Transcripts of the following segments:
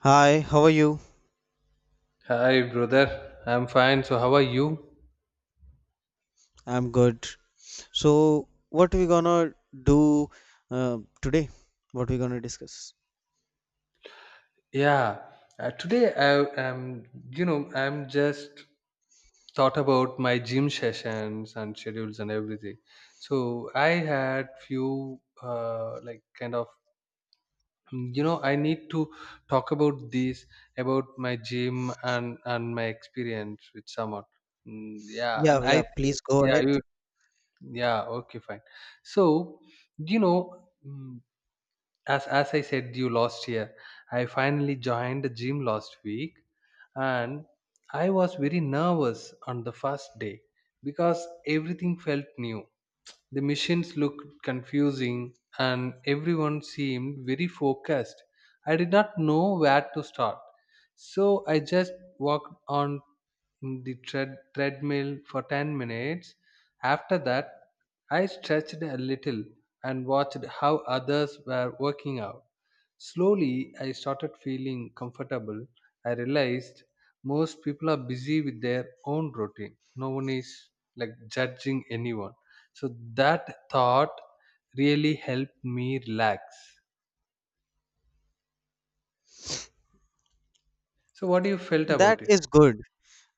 Hi, how are you? Hi, brother. I'm fine. So, how are you? I'm good. So, what we gonna do today? What we gonna discuss? Yeah. Today, I am, you know, I'm just thought about my gym sessions and schedules and everything. So, I had few, I need to talk about this about my gym and my experience with someone. Mm, yeah, and Yeah, I yeah, think, please go yeah, ahead. you, yeah, okay, fine. So, you know. Mm, As I said you last year, I finally joined the gym last week, and I was very nervous on the first day because everything felt new. The machines looked confusing and everyone seemed very focused. I did not know where to start. So I just walked on the treadmill for 10 minutes. After that, I stretched a little and watched how others were working out. Slowly, I started feeling comfortable. I realized most people are busy with their own routine. No one is like judging anyone. So that thought really helped me relax. So what do you felt That about it? is good.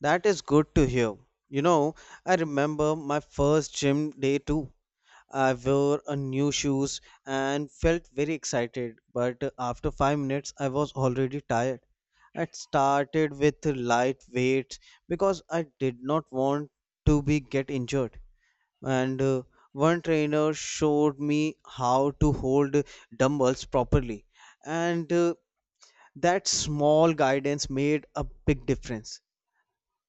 That is good to hear. You know, I remember my first gym day too. I wore a new shoes and felt very excited, but after 5 minutes I was already tired. I started with light weights because I did not want to be get injured. And One trainer showed me how to hold dumbbells properly, and that small guidance made a big difference.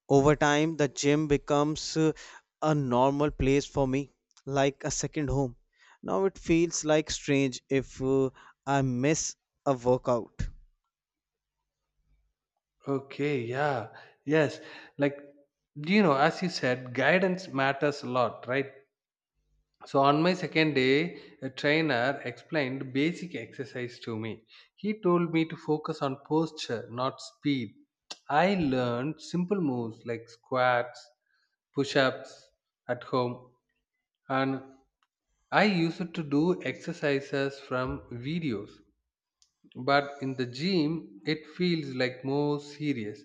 Over time the gym becomes a normal place for me, like a second home. Now it feels like strange if I miss a workout. Okay, yeah, yes. Like, you know, as you said, guidance matters a lot, right? So on my second day, a trainer explained basic exercise to me. He told me to focus on posture, not speed. I learned simple moves like squats, push ups at home, and I used to do exercises from videos, but in the gym it feels like more serious.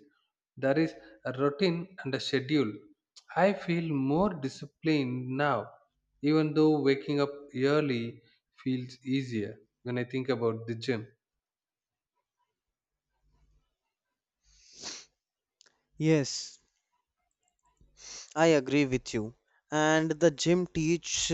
There is a routine and a schedule. I feel more disciplined now, even though waking up early feels easier when I think about the gym. Yes, I agree with you. And the gym teach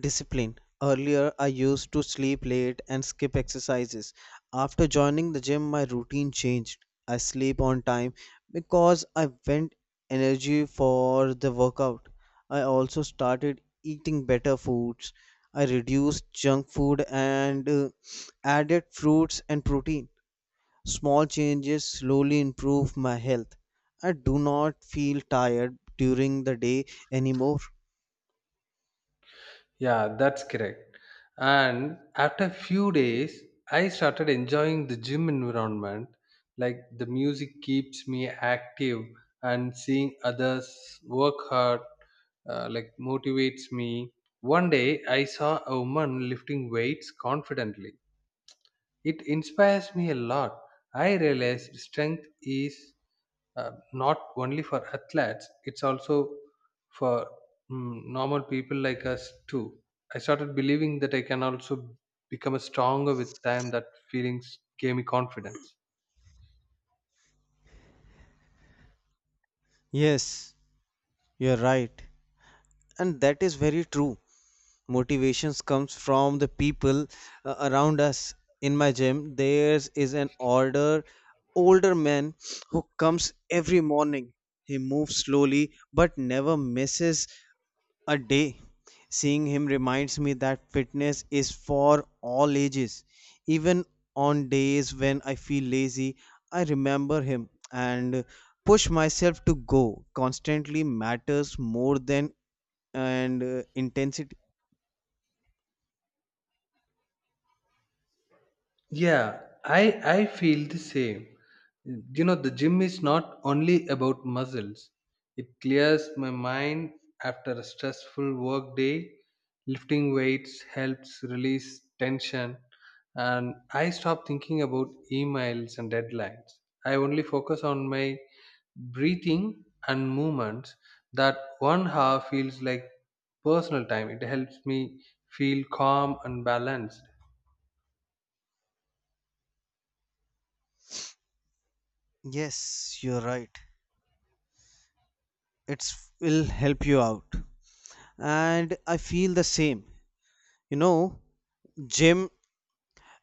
discipline. Earlier, I used to sleep late and skip exercises. After joining the gym, my routine changed. I sleep on time because I went energy for the workout. I also started eating better foods. I reduced junk food and added fruits and protein. Small changes slowly improve my health. I do not feel tired during the day anymore. Yeah, that's correct. And after a few days, I started enjoying the gym environment. Like the music keeps me active, and seeing others work hard like motivates me. One day, I saw a woman lifting weights confidently. It inspires me a lot. I realize strength is not only for athletes, it's also for normal people like us too. I started believing that I can also become a stronger with time. That feelings gave me confidence. Yes, you're right. And that is very true. Motivations comes from the people around us. In my gym, there is an older man who comes every morning. He moves slowly but never misses a day. Seeing him reminds me that fitness is for all ages. Even on days when I feel lazy, I remember him and push myself to go. Constantly matters more than and intensity. Yeah, I feel the same. You know, the gym is not only about muscles. It clears my mind after a stressful work day. Lifting weights helps release tension and I stop thinking about emails and deadlines. I only focus on my breathing and movements. That 1 hour feels like personal time. It helps me feel calm and balanced. Yes, you're right. It's will help you out. And I feel the same. You know, gym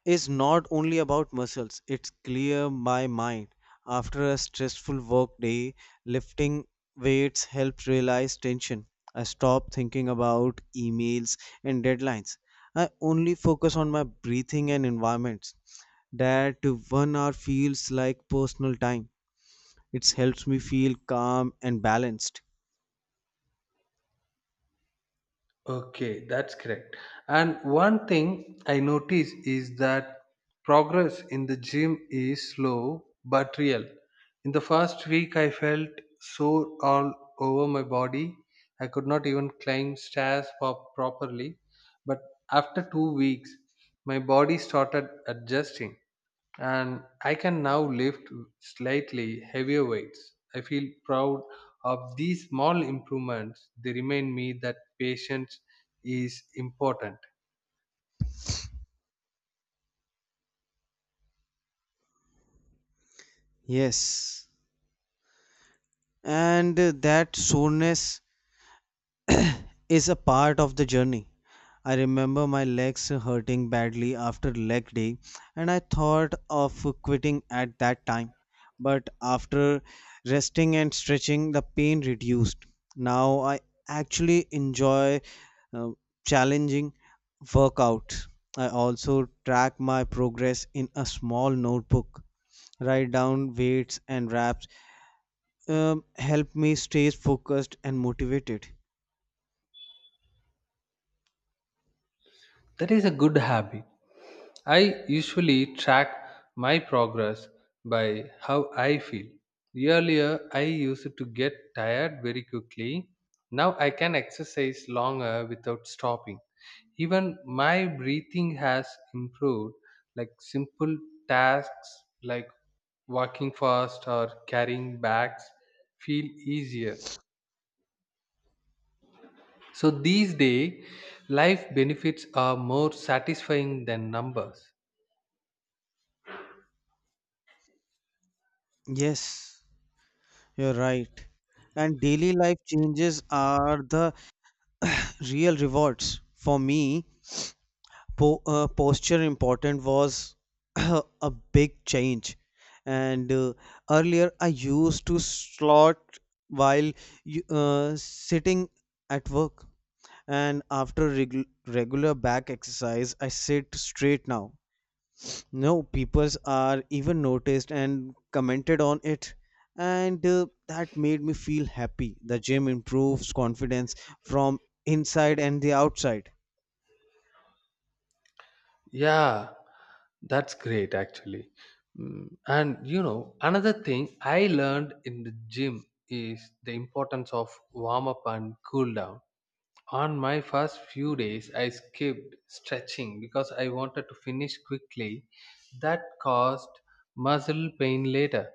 is not only about muscles. It's clear my mind. After a stressful work day, lifting weights helps realize tension. I stop thinking about emails and deadlines. I only focus on my breathing and environments. That 1 hour feels like personal time. It helps me feel calm and balanced. Okay, that's correct. And one thing I notice is that progress in the gym is slow but real. In the first week, I felt sore all over my body. I could not even climb stairs properly. But after 2 weeks, my body started adjusting and I can now lift slightly heavier weights. I feel proud of these small improvements. They remind me that patience is important. Yes. And that soreness is a part of the journey. I remember my legs hurting badly after leg day, and I thought of quitting at that time. But after resting and stretching, the pain reduced. Now I actually enjoy uh, challenging workouts. I also track my progress in a small notebook. Write down weights and reps help me stay focused and motivated. That is a good habit. I usually track my progress by how I feel. Earlier, I used to get tired very quickly. Now I can exercise longer without stopping. Even my breathing has improved, like simple tasks like walking fast or carrying bags feel easier. So these days, life benefits are more satisfying than numbers. Yes, you're right. And daily life changes are the real rewards for me. Posture important was a big change, and earlier I used to slot while sitting at work, and after regular back exercise I sit straight now. No, peoples are even noticed and commented on it, and that made me feel happy. The gym improves confidence from inside and the outside. Yeah, that's great actually. And you know, another thing I learned in the gym is the importance of warm up and cool down. On my first few days, I skipped stretching because I wanted to finish quickly. That caused muscle pain later.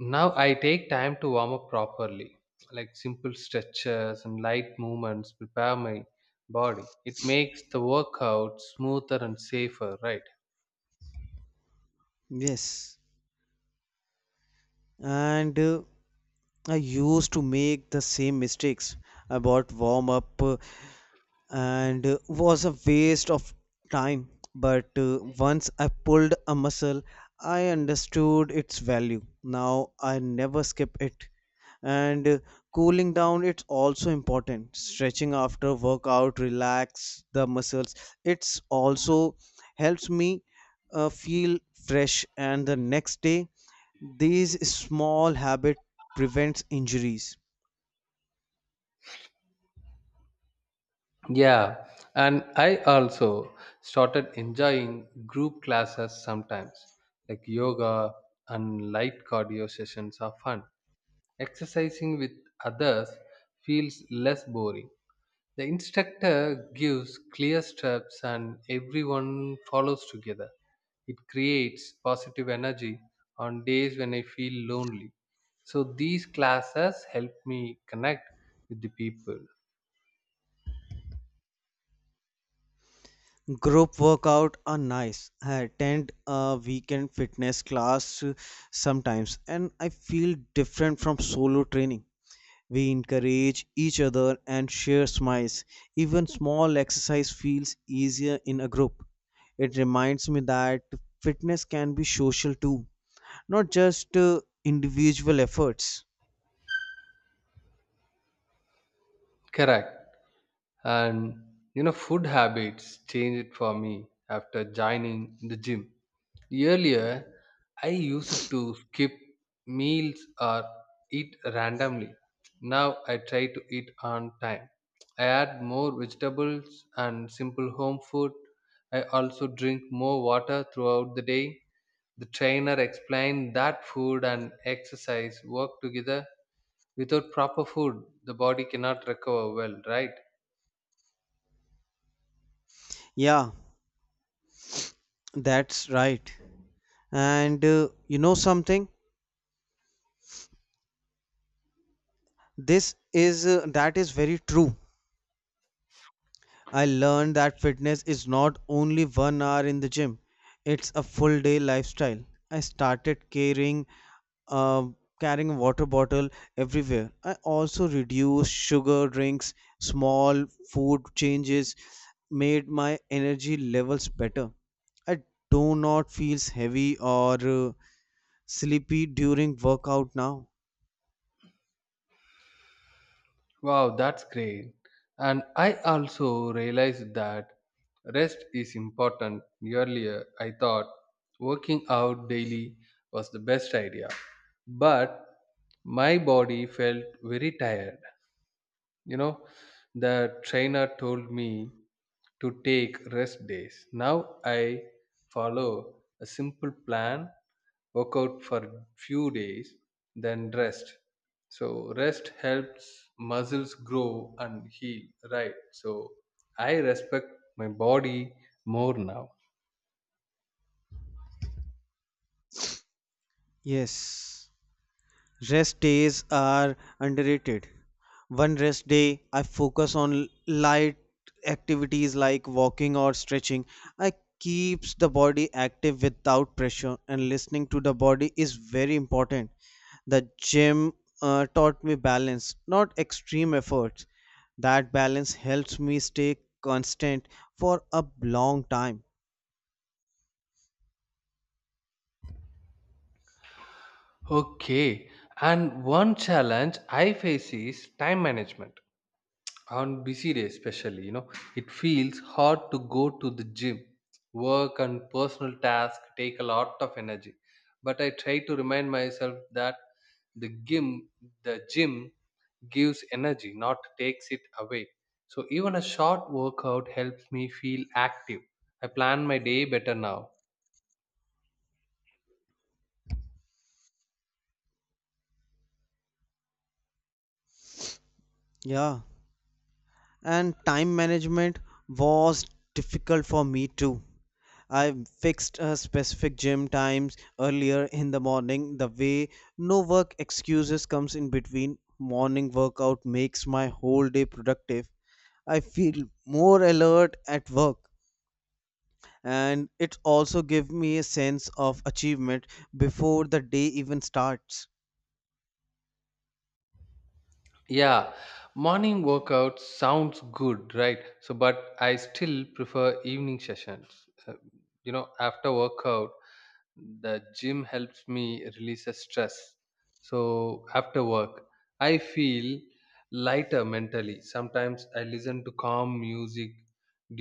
Now I take time to warm up properly, like simple stretches and light movements prepare my body. It makes the workout smoother and safer, right? Yes, and I used to make the same mistakes about warm up, and was a waste of time. But once I pulled a muscle, I understood its value. Now I never skip it. And Cooling down it's also important. Stretching after workout relax the muscles. It's also helps me feel fresh and the next day these small habit prevents injuries. Yeah, and I also started enjoying group classes sometimes, like yoga and light cardio sessions are fun. Exercising with others feels less boring. The instructor gives clear steps and everyone follows together. It creates positive energy on days when I feel lonely. So these classes help me connect with the people. Group workout are nice. I attend a weekend fitness class sometimes and I feel different from solo training. We encourage each other and share smiles. Even small exercise feels easier in a group. It reminds me that fitness can be social too, not just individual efforts. Correct. And you know, food habits changed it for me after joining the gym. Earlier I used to skip meals or eat randomly. Now I try to eat on time. I add more vegetables and simple home food. I also drink more water throughout the day. The trainer explained that food and exercise work together. Without proper food the body cannot recover well, right? Yeah, that's right. And you know something? This is That is very true. I learned that fitness is not only 1 hour in the gym. It's a full day lifestyle. I started caring carrying a water bottle everywhere. I also reduced sugar drinks, small food changes made my energy levels better. I do not feel heavy or sleepy during workout now. Wow, that's great. And I also realized that rest is important. Earlier, I thought working out daily was the best idea, but my body felt very tired. You know, the trainer told me to take rest days. Now I follow a simple plan, work out for few days, then rest. So rest helps muscles grow and heal, right? So I respect my body more now. Yes. Rest days are underrated. One rest day, I focus on light activities like walking or stretching. I keeps the body active without pressure and listening to the body is very important. The gym taught me balance, not extreme efforts. That balance helps me stay constant for a long time. Okay, and one challenge I face is time management. On busy days especially, you know, it feels hard to go to the gym. Work and personal tasks take a lot of energy, but I try to remind myself that the gym the gym gives energy, not takes it away. So even a short workout helps me feel active. I plan my day better now. Yeah. And time management was difficult for me too. I fixed a specific gym times earlier in the morning. The way no work excuses comes in between morning workout makes my whole day productive. I feel more alert at work and it also gives me a sense of achievement before the day even starts. Yeah, morning workout sounds good, right? So but I still prefer evening sessions. You know, after workout the gym helps me release the stress. So after work I feel lighter mentally. Sometimes I listen to calm music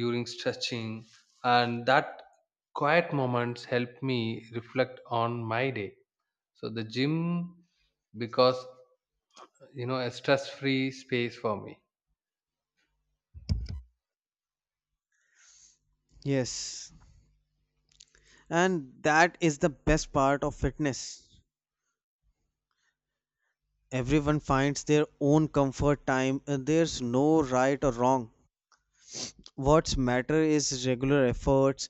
during stretching, and that quiet moments help me reflect on my day. So the gym because, you know, a stress free space for me. Yes, and that is the best part of fitness. Everyone finds their own comfort time. There's no right or wrong. What's matter is regular efforts.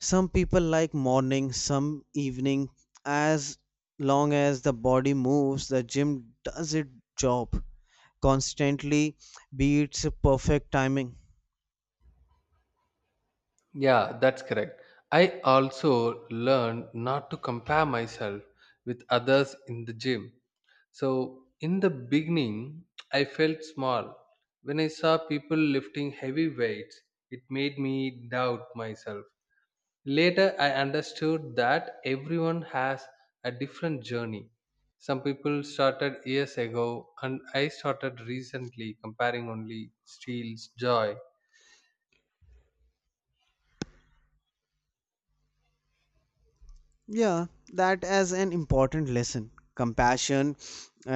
Some people like morning, some evening. As long as the body moves, the gym does its job. Constantly beats perfect timing. Yeah, that's correct. I also learned not to compare myself with others in the gym. So, in the beginning, I felt small. When I saw people lifting heavy weights, it made me doubt myself. Later, I understood that everyone has a different journey. Some people started years ago, and I started recently. Comparing only steals joy. Yeah, that as an important lesson. Compassion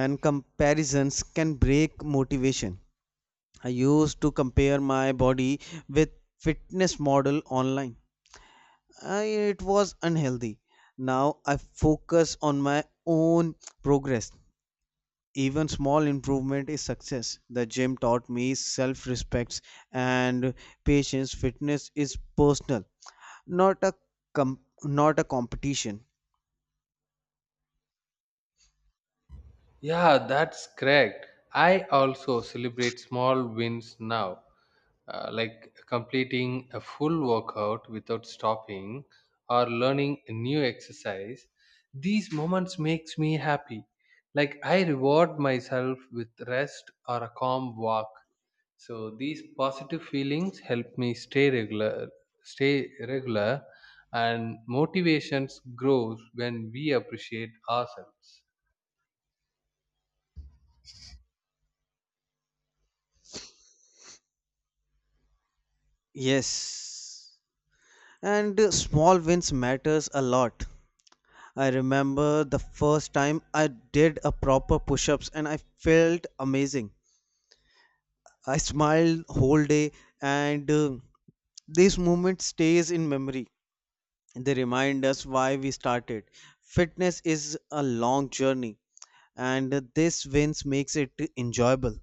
and comparisons can break motivation. I used to compare my body with fitness model online. I, it was unhealthy. Now I focus on my own progress. Even small improvement is success. The gym taught me self-respect and patience. Fitness is personal, not a not a competition. Yeah, that's correct. I also celebrate small wins now, like completing a full workout without stopping or learning a new exercise. These moments makes me happy. Like I reward myself with rest or a calm walk. So these positive feelings help me stay regular, and motivations grows when we appreciate ourselves. Yes. And small wins matters a lot. I remember the first time I did a proper push-ups and I felt amazing. I smiled whole day and this moment stays in memory. They remind us why we started. Fitness is a long journey and this wins makes it enjoyable.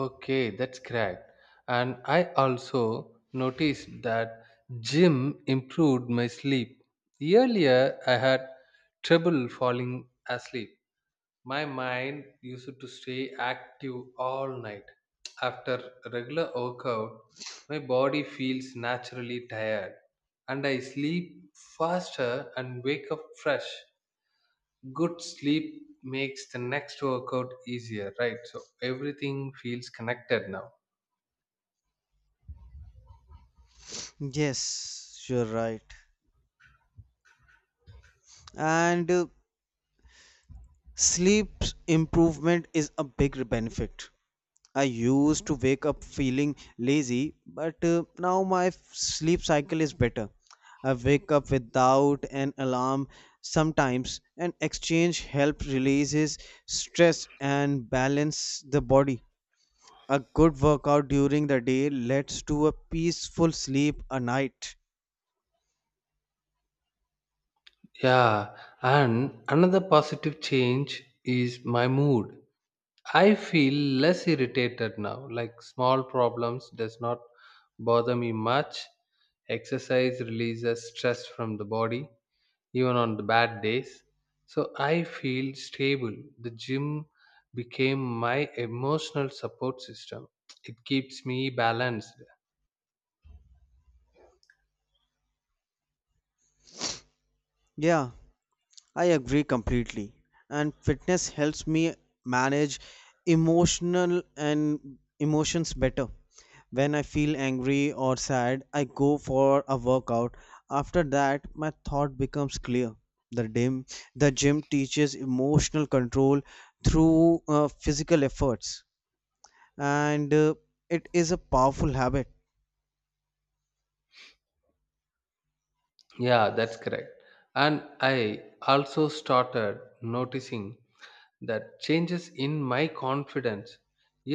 Okay, that's correct. And I also noticed that gym improved my sleep. Earlier, I had trouble falling asleep. My mind used to stay active all night. After regular workout, my body feels naturally tired and I sleep faster and wake up fresh. Good sleep makes the next workout easier, right? So everything feels connected now. Yes, you're right. And sleep improvement is a big benefit. I used to wake up feeling lazy, but now my sleep cycle is better. I wake up without an alarm sometimes, and exchange help releases stress and balance the body. A good workout during the day leads to a peaceful sleep at night. Yeah, and another positive change is my mood. I feel less irritated now. Like small problems does not bother me much. Exercise releases stress from the body even on the bad days. So I feel stable. The gym became my emotional support system. It keeps me balanced. Yeah, I agree completely. And fitness helps me manage emotional and emotions better. When I feel angry or sad, I go for a workout. After that, my thought becomes clear. The gym, the gym teaches emotional control through physical efforts, and it is a powerful habit. Yeah, that's correct. And I also started noticing that changes in my confidence.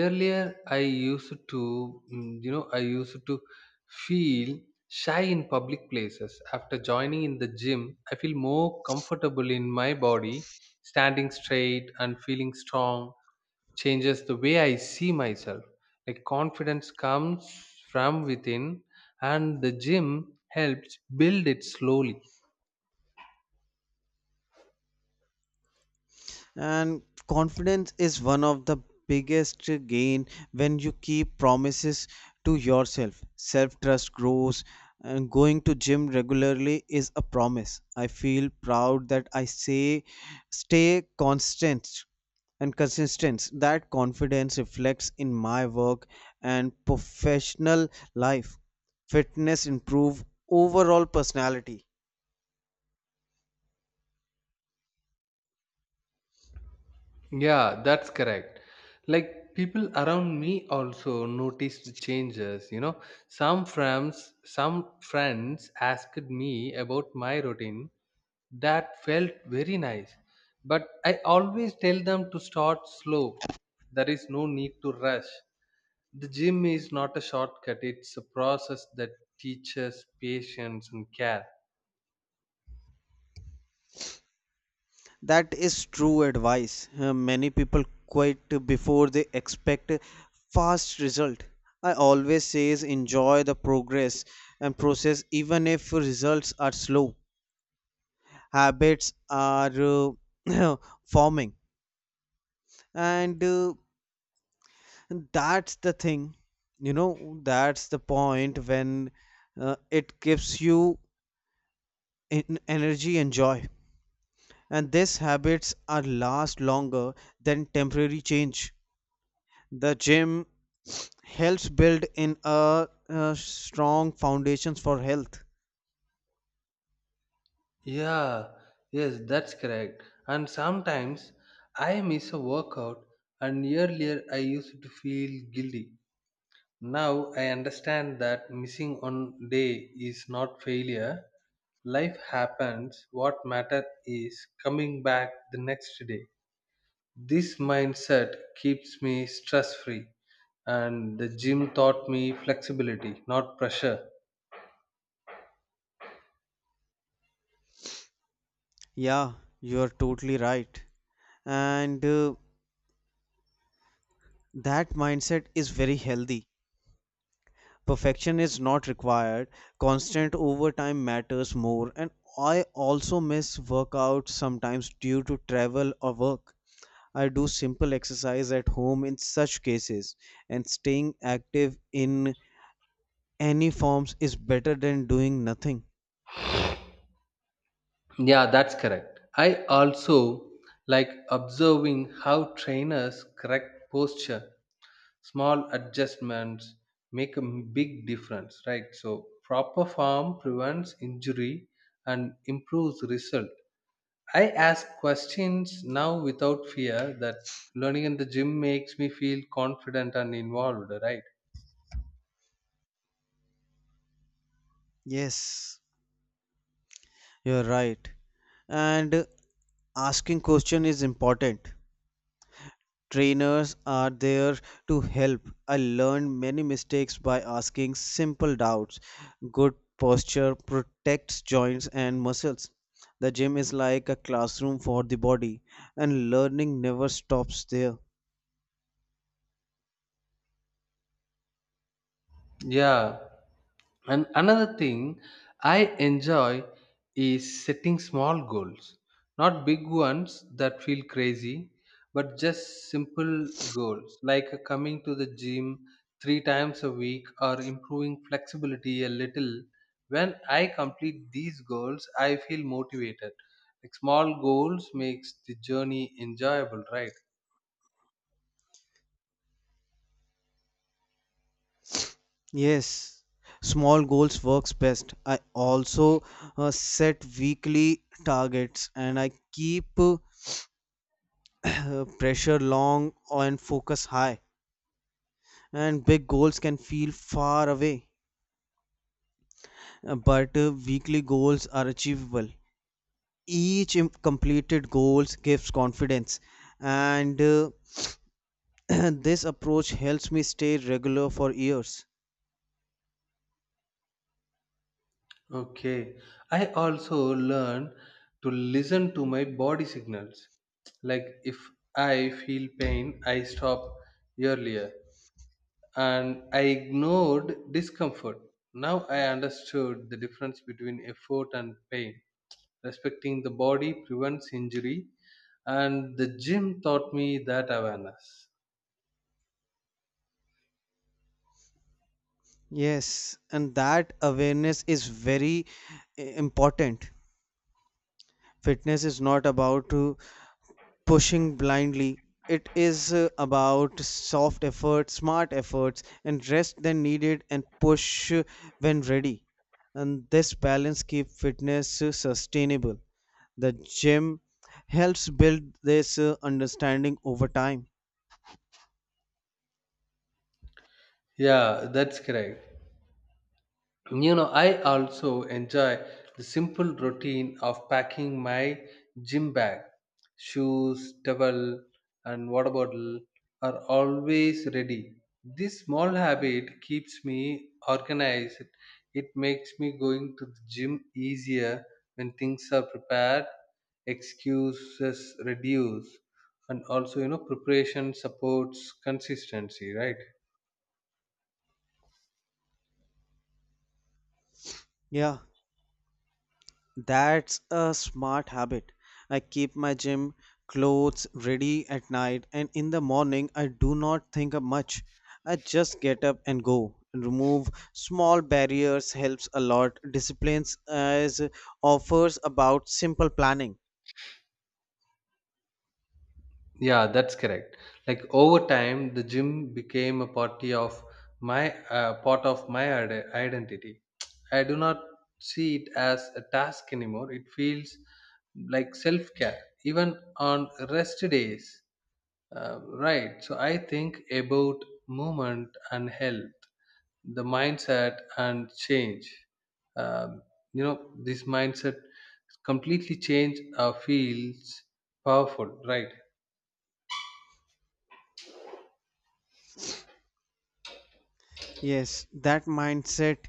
Earlier I used to, I used to feel shy in public places. After joining in the gym I feel more comfortable in my body. Standing straight and feeling strong changes the way I see myself. Like confidence comes from within, and the gym helps build it slowly. And confidence is one of the biggest gain. When you keep promises to yourself, self trust grows, and going to gym regularly is a promise. I feel proud that I say stay constant and consistent. That confidence reflects in my work and professional life. Fitness improve overall personality. Yeah, that's correct. Like people around me also noticed the changes, you know. Some friends asked me about my routine. That felt very nice. But I always tell them to start slow. There is no need to rush. The gym is not a shortcut, it's a process that teaches patience and care. That is true advice. Many people quit before they expect a fast result. I always says enjoy the progress and process even if results are slow. Habits are uh, forming, and that's the thing. You know, that's the point when it gives you energy and joy. And these habits are last longer than temporary change. The gym helps build in a, strong foundations for health. Yeah, yes, that's correct. And sometimes I miss a workout, and earlier I used to feel guilty. Now I understand that missing one day is not failure. Life happens. What matter is coming back the next day. This mindset keeps me stress free, and the gym taught me flexibility, not pressure. Yeah, you are totally right. And that mindset is very healthy. Perfection is not required. Constant overtime matters more. And I also miss workouts sometimes due to travel or work. I do simple exercise at home in such cases, and staying active in any forms is better than doing nothing. Yeah, that's correct. I also like observing how trainers correct posture. Small adjustments make a big difference, right? So, proper form prevents injury and improves result. I ask questions now without fear. That learning in the gym makes me feel confident and involved, right? Yes. You're right. And asking question is important. Trainers are there to help. I learned many mistakes by asking simple doubts. Good posture protects joints and muscles. The gym is like a classroom for the body, and learning never stops there. Yeah, and another thing I enjoy is setting small goals, not big ones that feel crazy, but just simple goals like coming to the gym 3 times a week or improving flexibility a little. When I complete these goals, I feel motivated. Like small goals makes the journey enjoyable, right? Yes, small goals works best. I also set weekly targets and I keep uh, pressure long and focus high. And big goals can feel far away, but weekly goals are achievable. Each completed goals gives confidence, and this approach helps me stay regular for years. Okay. I also learn to listen to my body signals. Like if I feel pain, I stop. Earlier and I ignored discomfort. Now I understood the difference between effort and pain. Respecting the body prevents injury, and the gym taught me that awareness. Yes, and that awareness is very important. Fitness is not about to pushing blindly. It is about soft efforts, smart efforts, and rest than needed, and push when ready. And this balance keeps fitness sustainable. The gym helps build this understanding over time. Yeah, that's correct. You know, I also enjoy the simple routine of packing my gym bag. Shoes, towel, and water bottle are always ready. This small habit keeps me organized. It makes me going to the gym easier. When things are prepared, excuses reduce, and also, you know, preparation supports consistency, right? Yeah. That's a smart habit. I keep my gym clothes ready at night, and in the morning, I do not think of much. I just get up and go. Remove small barriers helps a lot. Disciplines as offers about simple planning. Yeah, that's correct. Like over time, the gym became a party of my part of my identity. I do not see it as a task anymore. It feels like self-care, even on rest days. Right. So I think about movement and health, the mindset and change. Um, this mindset completely change feels powerful, right? Yes, that mindset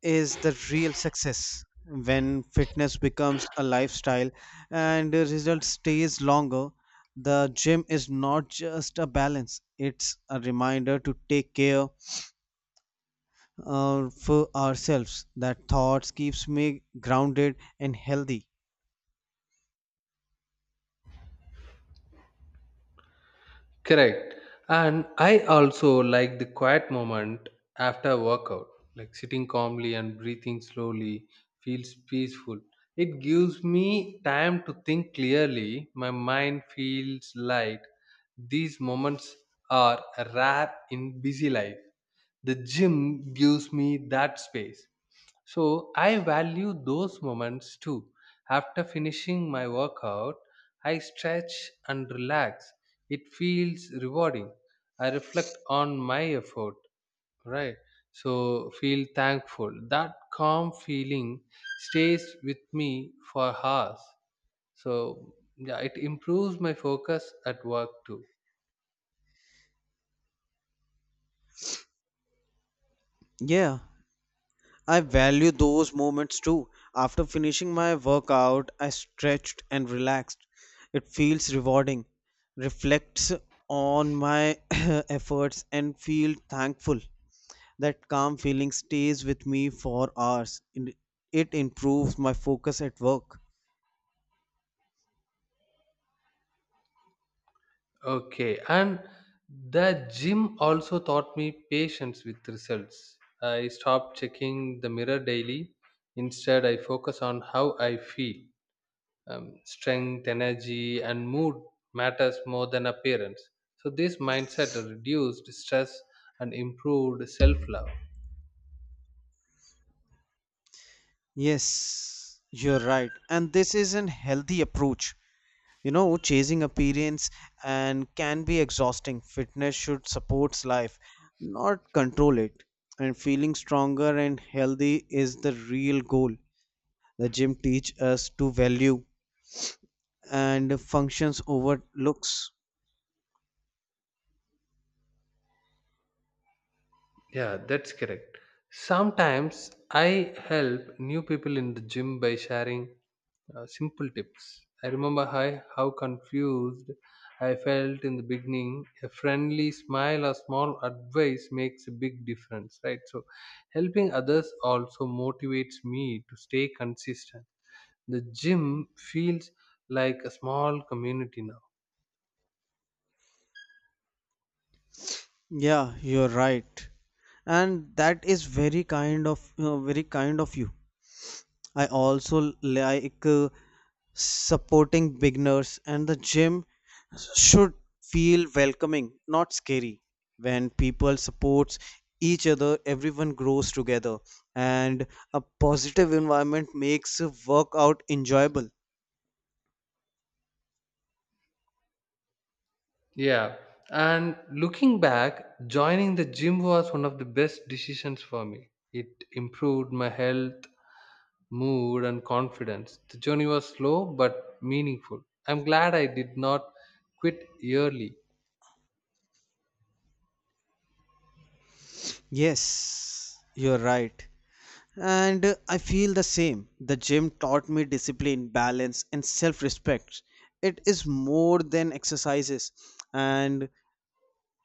is the real success. When fitness becomes a lifestyle and the result stays longer, the gym is not just a balance. It's a reminder to take care for ourselves. That thoughts keeps me grounded and healthy. Correct. And I also like the quiet moment after workout, like sitting calmly and breathing slowly feels peaceful. It gives me time to think clearly. My mind feels light. These moments are rare in busy life. The gym gives me that space. So I value those moments too. After finishing my workout, I stretch and relax. It feels rewarding. I reflect on my effort, right? So feel thankful. That calm feeling stays with me for hours. So yeah, it improves my focus at work too. Yeah, I value those moments too. After finishing my workout, I stretched and relaxed. It feels rewarding, reflects on my efforts, and feel thankful. That calm feeling stays with me for hours. And it improves my focus at work. Okay, and the gym also taught me patience with results. I stopped checking the mirror daily. Instead, I focus on how I feel. Strength, energy, and mood matters more than appearance. So this mindset reduced stress and improved self-love. Yes, you're right. And this is an healthy approach. You know, chasing appearance and can be exhausting. Fitness should support life, not control it, and feeling stronger and healthy is the real goal. The gym teach us to value and functions over looks. Yeah, that's correct. Sometimes I help new people in the gym by sharing simple tips. I remember how confused I felt in the beginning. A friendly smile or small advice makes a big difference, right? So, helping others also motivates me to stay consistent. The gym feels like a small community now. Yeah, you're right. And that is very kind of you. I also like supporting beginners, and the gym should feel welcoming, not scary. When people support each other, everyone grows together, and a positive environment makes a workout enjoyable. Yeah. And looking back, joining the gym was one of the best decisions for me. It improved my health, mood, and confidence. The journey was slow but meaningful. I'm glad I did not quit early. Yes, you're right. And I feel the same. The gym taught me discipline, balance, and self respect. It is more than exercises. And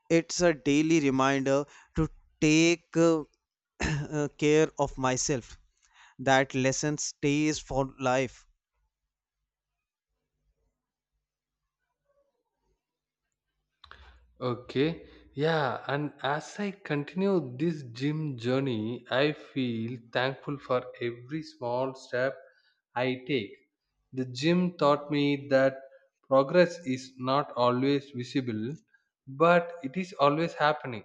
it's a daily reminder to take care of myself. That lesson stays for life. Okay. Yeah. And as I continue this gym journey, I feel thankful for every small step I take. The gym taught me that progress is not always visible, but it is always happening.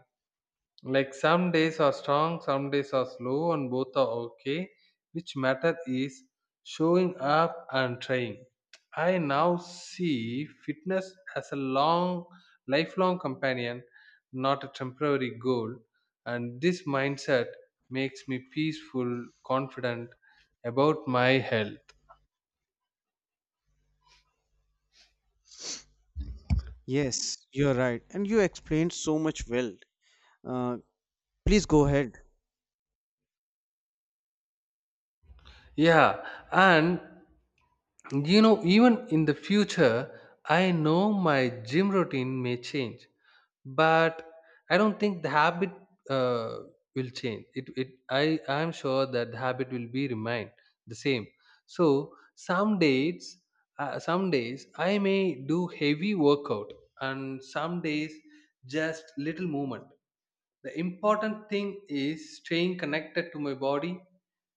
Like some days are strong, some days are slow, and both are okay. Which matter is showing up and trying. I now see fitness as a long, lifelong companion, not a temporary goal. And this mindset makes me peaceful, confident about my health. Yes, you're right. And you explained so much well. Uh, please go ahead. Yeah, and you know, even in the future, I know my gym routine may change, but I don't think the habit uh, will change. I'm sure that the habit will be remain the same. So some days I may do heavy workout, and some days just little movement. The important thing is staying connected to my body.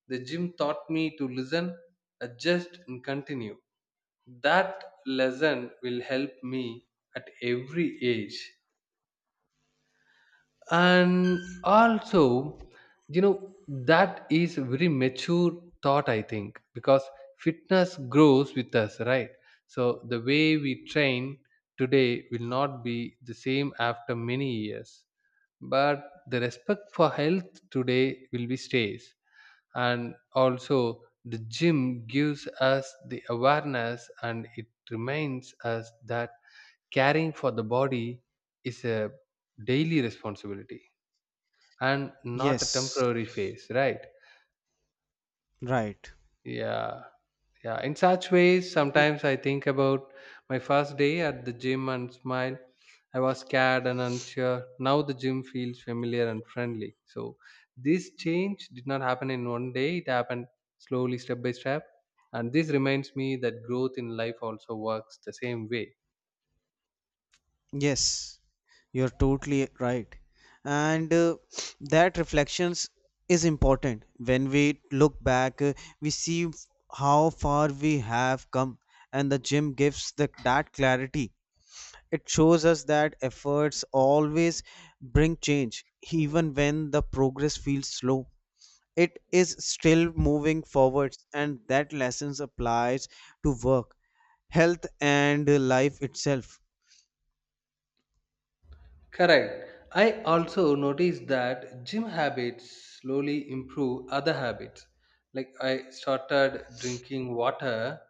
The gym taught me to listen, adjust, and continue that lesson will help me at every age, and also you know that is a very mature thought I think, because fitness grows with us, right? So the way we train today will not be the same after many years, but the respect for health today will be stays. And also the gym gives us the awareness, and it reminds us that caring for the body is a daily responsibility and not a Yes, temporary phase, right? right. Yeah, yeah. In such ways, sometimes I think about my first day at the gym and smile. I was scared and unsure. Now the gym feels familiar and friendly. So this change did not happen in one day. It happened slowly, step by step. And this reminds me that growth in life also works the same way. Yes, you're totally right. And that reflections is important. When we look back, we see how far we have come, and the gym gives that clarity. It shows us that efforts always bring change, even when the progress feels slow. It is still moving forwards, and that lessons applies to work, health, and life itself. Correct. I also noticed that gym habits slowly improve other habits. Like I started drinking water,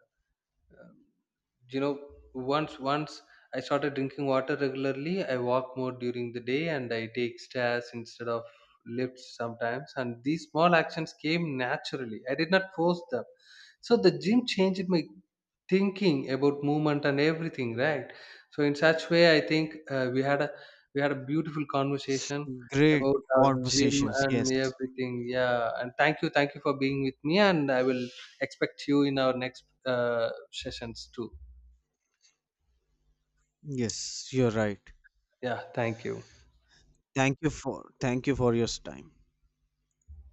you know, once I started drinking water regularly, I walk more during the day, and I take stairs instead of lifts sometimes. And these small actions came naturally. I did not force them. So the gym changed my thinking about movement and everything, right? So in such way I think, we had a beautiful conversation Great about our gym conversations. and Yes. everything. Yeah, and thank you for being with me, and I will expect you in our next sessions too. Yes, you're right. Yeah, thank you. Thank you for your time.